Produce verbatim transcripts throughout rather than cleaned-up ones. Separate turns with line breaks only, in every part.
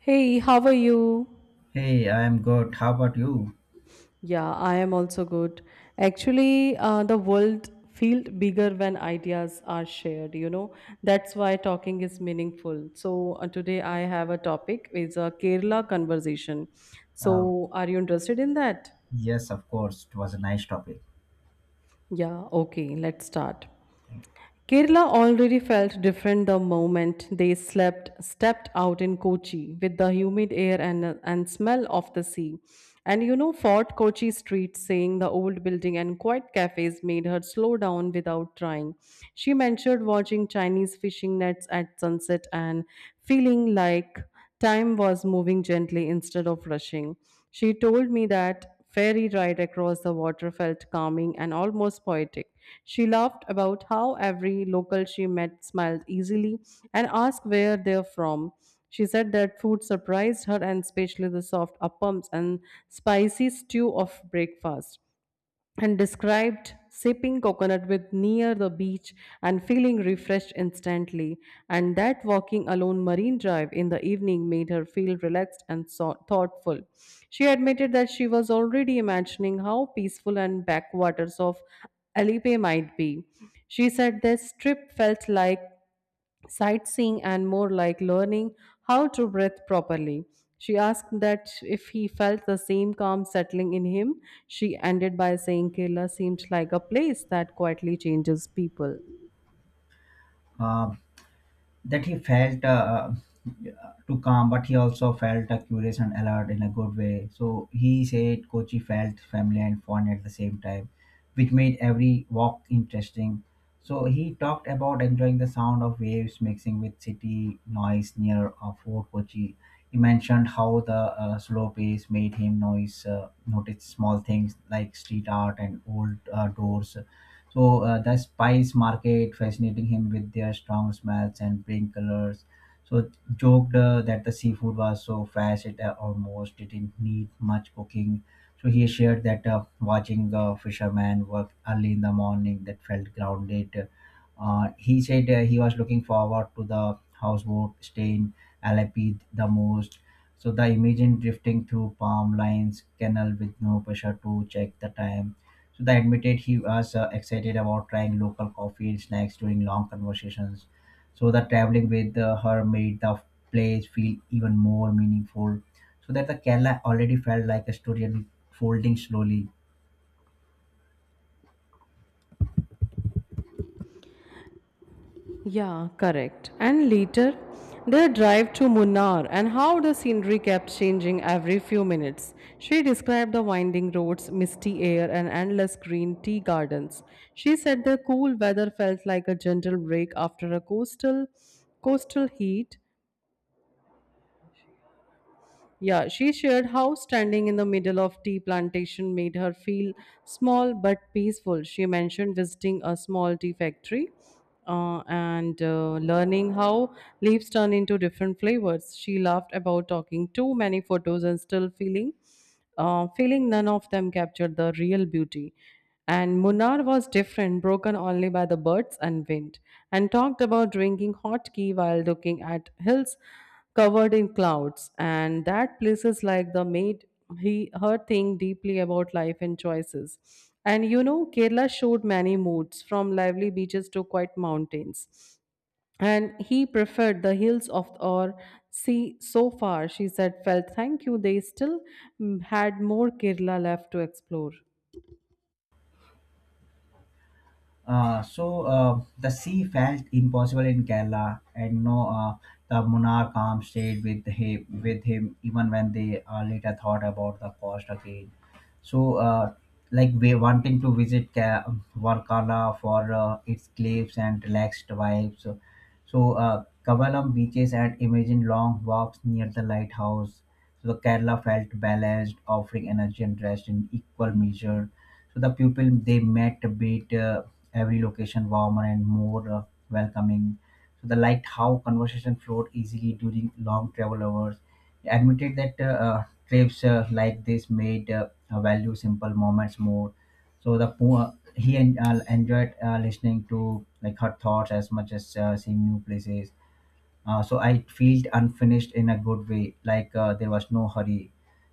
Hey, how are you?
Hey, I am good. How about you?
Yeah, I am also good. Actually, uh, the world feels bigger when ideas are shared, you know. That's why talking is meaningful. So, uh, today I have a topic is a Kerala conversation.
Uh,
So, are you interested in that?
yes, of course. It was a nice topic.
Yeah, okay, let's start. Kerala already felt different the moment they slept, stepped out in Kochi with the humid air and, and smell of the sea. And you know, Fort Kochi Street, seeing the old building and quiet cafes made her slow down without trying. She mentioned watching Chinese fishing nets at sunset and feeling like time was moving gently instead of rushing. She told me that ferry ride across the water felt calming and almost poetic. She laughed about how every local she met smiled easily and asked where they're from. She said that food surprised her and especially the soft appams and spicy stew of breakfast and described sipping coconut with near the beach and feeling refreshed instantly, and that walking alone marine drive in the evening made her feel relaxed and so- thoughtful. She admitted that she was already imagining how peaceful and backwaters of alipe might be. She said this trip felt like sightseeing and more like learning how to breathe properly. She asked that if he felt the same calm settling in him. She ended by saying Kerala seemed like a place that quietly changes people.
Uh, that he felt uh, too calm, but he also felt uh, curious and alert in a good way. So he said Kochi felt family and fun at the same time, which made every walk interesting. So he talked about enjoying the sound of waves mixing with city noise near uh, Fort Kochi. He mentioned how the uh, slow pace made him noise, uh, notice small things like street art and old uh, doors. So uh, the spice market fascinating him with their strong smells and pink colors. So joked uh, that the seafood was so fresh it uh, almost didn't need much cooking. So he shared that uh, watching the fisherman work early in the morning that felt grounded. Uh, he said uh, he was looking forward to the houseboat stay in Alepi the most. So the imagine drifting through palm lines, canal with no pressure to check the time, so they admitted he was uh, excited about trying local coffee and snacks during long conversations. So the traveling with uh, her made the place feel even more meaningful. So that the Kerala already felt like a story unfolding slowly.
Yeah, correct. And later, their drive to Munnar and how the scenery kept changing every few minutes. She described the winding roads, misty air, and endless green tea gardens. She said the cool weather felt like a gentle break after a coastal coastal heat. Yeah, she shared how standing in the middle of tea plantation made her feel small but peaceful. She mentioned visiting a small tea factory, uh, and uh, learning how leaves turn into different flavors. She laughed about talking too many photos and still feeling uh, feeling none of them captured the real beauty. And Munnar was different, broken only by the birds and wind, and talked about drinking hot tea while looking at hills covered in clouds, and that places like the maid he her think deeply about life and choices. And you know, Kerala showed many moods, from lively beaches to quiet mountains, and he preferred the hills of or sea. So far she said felt thank you they still mm, had more kerala left to explore.
Uh, so uh, the sea felt impossible in Kerala, and no, uh, the monarch calm stayed with him, with him even when they uh, later thought about the cost again. So, uh, like we wanting to visit Ka- Varkala for uh, its cliffs and relaxed vibes. So, so uh, Kavalam beaches and imagine long walks near the lighthouse. So the Kerala felt balanced, offering energy and rest in equal measure. So the people they met made uh, every location warmer and more uh, welcoming. So they liked how conversation flowed easily during long travel hours. They admitted that uh, uh, trips uh, like this made uh, uh, value simple moments more. So the po- uh, he en- uh, enjoyed uh, listening to like her thoughts as much as uh, seeing new places. Uh, so I felt unfinished in a good way, like uh, there was no hurry.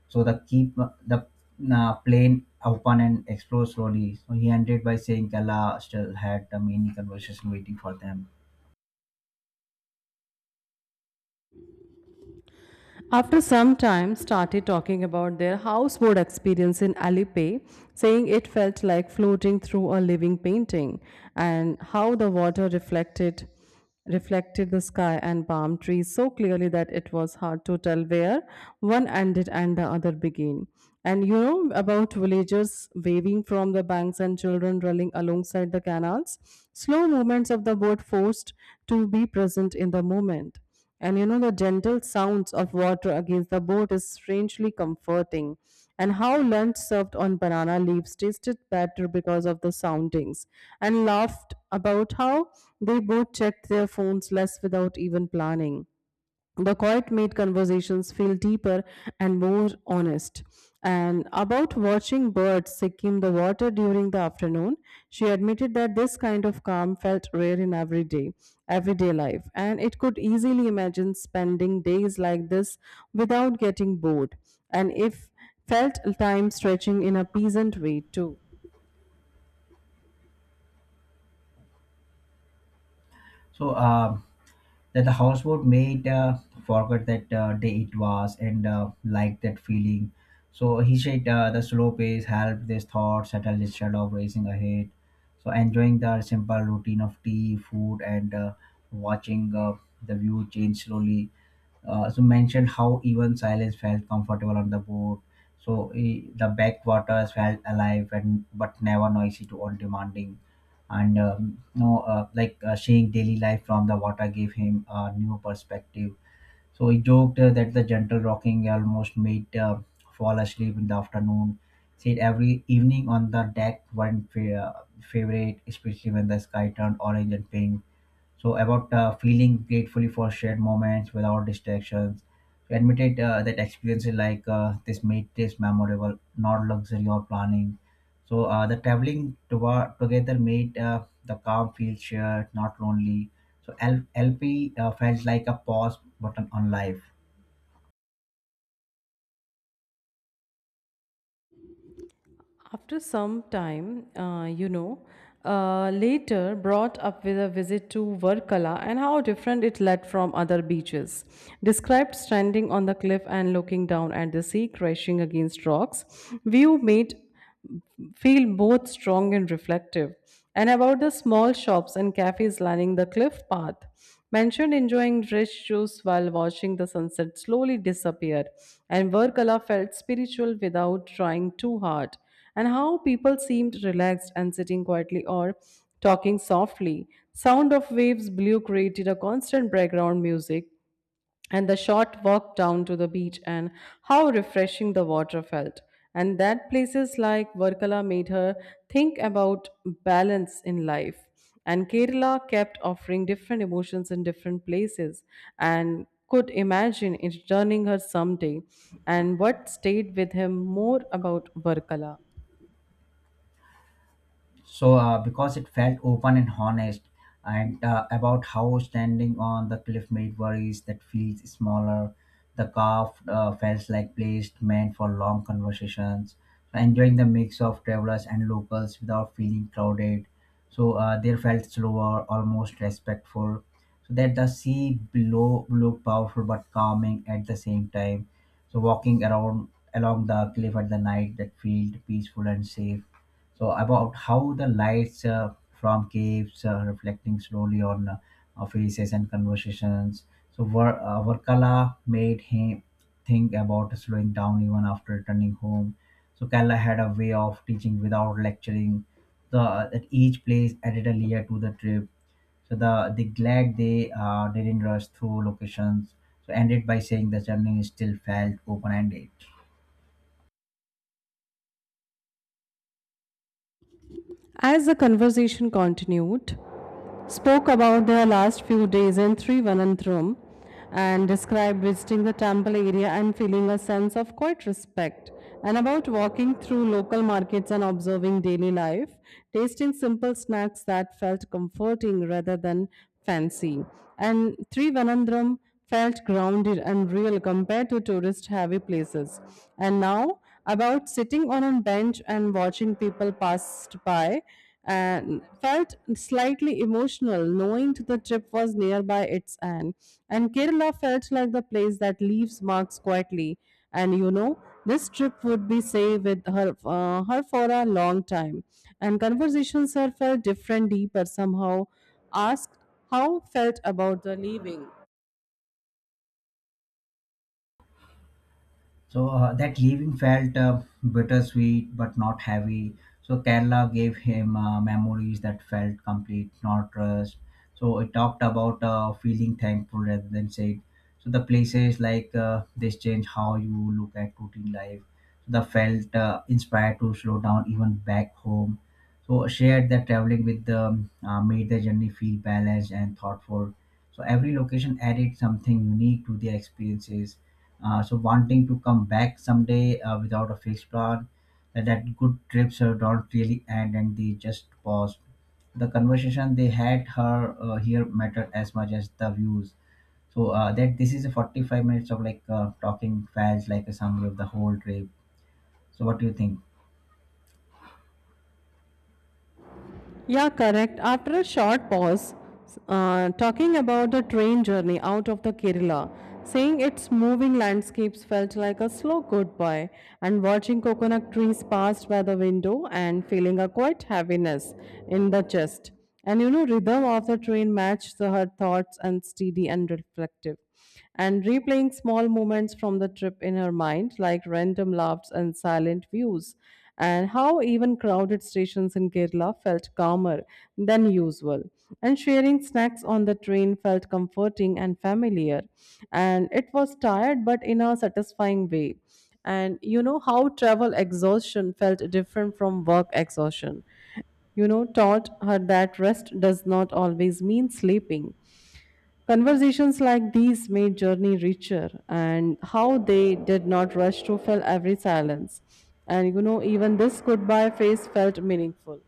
So the keep uh, the uh, plane open and explore slowly. So he ended by saying Kala still had the many conversation waiting for them.
After some time, started talking about their houseboat experience in Alipe, saying it felt like floating through a living painting, and how the water reflected reflected the sky and palm trees so clearly that it was hard to tell where one ended and the other began. And you know about villagers waving from the banks and children running alongside the canals. Slow movements of the boat forced to be present in the moment. And you know, the gentle sounds of water against the boat is strangely comforting. And how lunch served on banana leaves tasted better because of the soundings, and laughed about how they both checked their phones less without even planning. The quiet made conversations feel deeper and more honest. And about watching birds seeking the water during the afternoon, she admitted that this kind of calm felt rare in everyday, everyday life, and it could easily imagine spending days like this without getting bored. And if felt time stretching in a pleasant way too.
So. Uh, that the household mate uh, forgot that uh, day it was and uh, liked that feeling. So he said uh, the slow pace helped this thought settle instead of racing ahead. So enjoying the simple routine of tea, food, and uh, watching uh, the view change slowly. Uh, so mentioned how even silence felt comfortable on the boat. So eh, the backwaters felt alive and but never noisy to all demanding, and um, you know uh, like uh, seeing daily life from the water gave him a new perspective. So he joked uh, that the gentle rocking almost made uh, fall asleep in the afternoon. Said every evening on the deck one fa- uh, favorite, especially when the sky turned orange and pink. So about uh, feeling gratefully for shared moments without distractions. So admitted uh, that experiences like uh, this made this memorable, not luxury or planning. So uh, the traveling to- together made uh, the calm feel shared, not lonely. So L- lp uh, felt like a pause button on life.
After some time, uh, you know, uh, later brought up with a visit to Varkala and how different it led from other beaches. Described standing on the cliff and looking down at the sea crashing against rocks, view made feel both strong and reflective. And about the small shops and cafes lining the cliff path. Mentioned enjoying rich juice while watching the sunset slowly disappear, and Varkala felt spiritual without trying too hard, and how people seemed relaxed and sitting quietly or talking softly. Sound of waves blew created a constant background music, and the short walk down to the beach and how refreshing the water felt. And that places like Varkala made her think about balance in life. And Kerala kept offering different emotions in different places and could imagine it turning her someday. And what stayed with him more about Varkala?
So uh, because it felt open and honest, and uh, about how standing on the cliff made worries that feels smaller. The calf uh, felt like place meant for long conversations, enjoying the mix of travelers and locals without feeling crowded. So uh, they felt slower, almost respectful. So that the sea below looked powerful but calming at the same time. So walking around along the cliff at the night, that felt peaceful and safe. So about how the lights uh, from caves uh, reflecting slowly on uh, our faces and conversations. So Var- uh, Varkala made him think about slowing down even after returning home. So Kerala had a way of teaching without lecturing. The that each place added a layer to the trip. So the they glad they uh, didn't rush through locations. So ended by saying the journey still felt open ended.
As the conversation continued, spoke about their last few days in Thiruvananthapuram and described visiting the temple area and feeling a sense of quiet respect, and about walking through local markets and observing daily life, tasting simple snacks that felt comforting rather than fancy. And Thiruvananthapuram felt grounded and real compared to tourist heavy places. And now about sitting on a bench and watching people passed by and felt slightly emotional knowing the trip was nearby its end, and kerala felt like the place that leaves marks quietly. And you know, this trip would be say with her uh, her for a long time, and conversations her felt different deeper somehow. Asked how felt about the leaving.
So uh, that leaving felt uh, bittersweet but not heavy. So Kerala gave him uh, memories that felt complete, not rushed. So it talked about uh, feeling thankful rather than sad. So the places like uh, this change how you look at routine life. So the felt uh, inspired to slow down even back home. So shared that traveling with them uh, made the journey feel balanced and thoughtful. So every location added something unique to their experiences. Uh, so wanting to come back someday uh, without a fixed plan, that that good trips uh, don't really end and they just pause. The conversation they had her uh, here mattered as much as the views. So uh, that this is a forty-five minutes of like uh, talking fast like a summary of the whole trip. So what do you think?
Yeah, correct. After a short pause, uh, talking about the train journey out of the Kerala, seeing its moving landscapes felt like a slow goodbye, and watching coconut trees pass by the window and feeling a quiet heaviness in the chest. And you know, rhythm of the train matched the- her thoughts and steady and reflective, and replaying small moments from the trip in her mind, like random laughs and silent views, and how even crowded stations in Kerala felt calmer than usual. And sharing snacks on the train felt comforting and familiar, and it was tired but in a satisfying way. And you know how travel exhaustion felt different from work exhaustion, you know, taught her that rest does not always mean sleeping. Conversations like these made journey richer and how they did not rush to fill every silence. And you know, even this goodbye phase felt meaningful.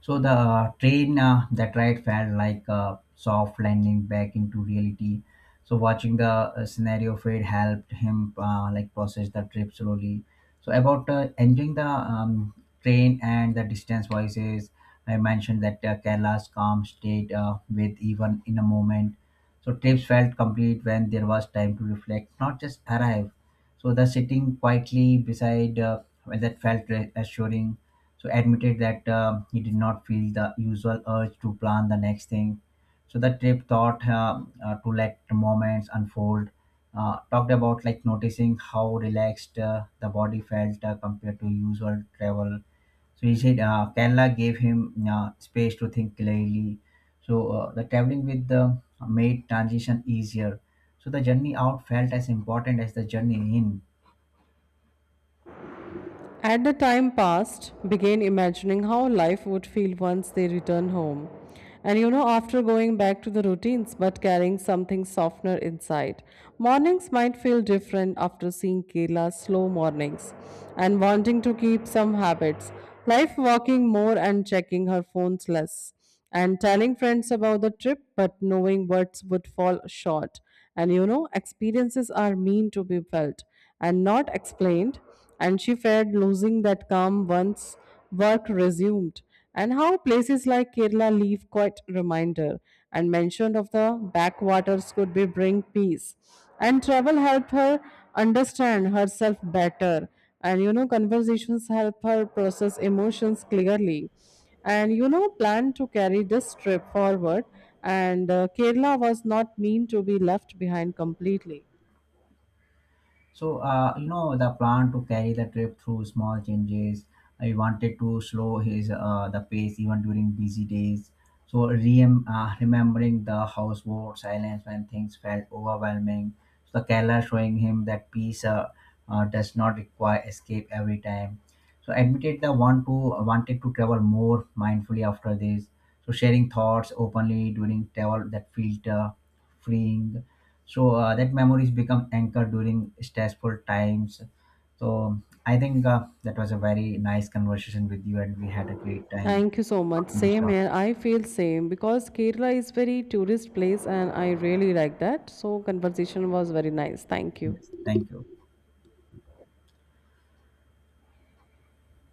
So the uh, train uh, that ride felt like a soft landing back into reality. So watching the uh, scenario fade helped him uh, like process the trip slowly. So about uh, enjoying the um, train and the distance voices, I mentioned that uh, Kerala's calm state uh, with even in a moment. So trips felt complete when there was time to reflect, not just arrive. So the sitting quietly beside uh, well, that felt re- assuring. So admitted that um, he did not feel the usual urge to plan the next thing. So the trip thought um, uh, to let moments unfold. Uh, talked about like noticing how relaxed uh, the body felt uh, compared to usual travel. So he said uh, Kerala gave him uh, space to think clearly. So uh, the traveling with the made transition easier. So the journey out felt as important as the journey in.
At the time passed, began imagining how life would feel once they return home. And you know, after going back to the routines but carrying something softener inside, mornings might feel different after seeing Kerala's slow mornings and wanting to keep some habits, life walking more and checking her phones less. And telling friends about the trip, but knowing words would fall short. And you know, experiences are mean to be felt and not explained. And she feared losing that calm once work resumed. And how places like Kerala leave quite reminder, and mention of the backwaters could be bring peace. And travel helped her understand herself better. And you know, conversations help her process emotions clearly, and you know planned to carry this trip forward, and uh, kerala was not mean to be left behind completely.
So, uh, you know, the plan to carry the trip through small changes. I wanted to slow his uh, the pace even during busy days. So, rem- uh, remembering the houseboat silence when things felt overwhelming. So, the Kerala showing him that peace uh, uh, does not require escape every time. So, admitted the one who wanted to travel more mindfully after this. So, sharing thoughts openly during travel that felt uh, freeing. So uh, that memories become anchored during stressful times. So I think uh, that was a very nice conversation with you and we had a great time
Thank you so much,
talking this
same
topic.
here. I feel same because kerala is very tourist place and I really like that, so conversation was very nice. Thank
Yes,
you.
thank you.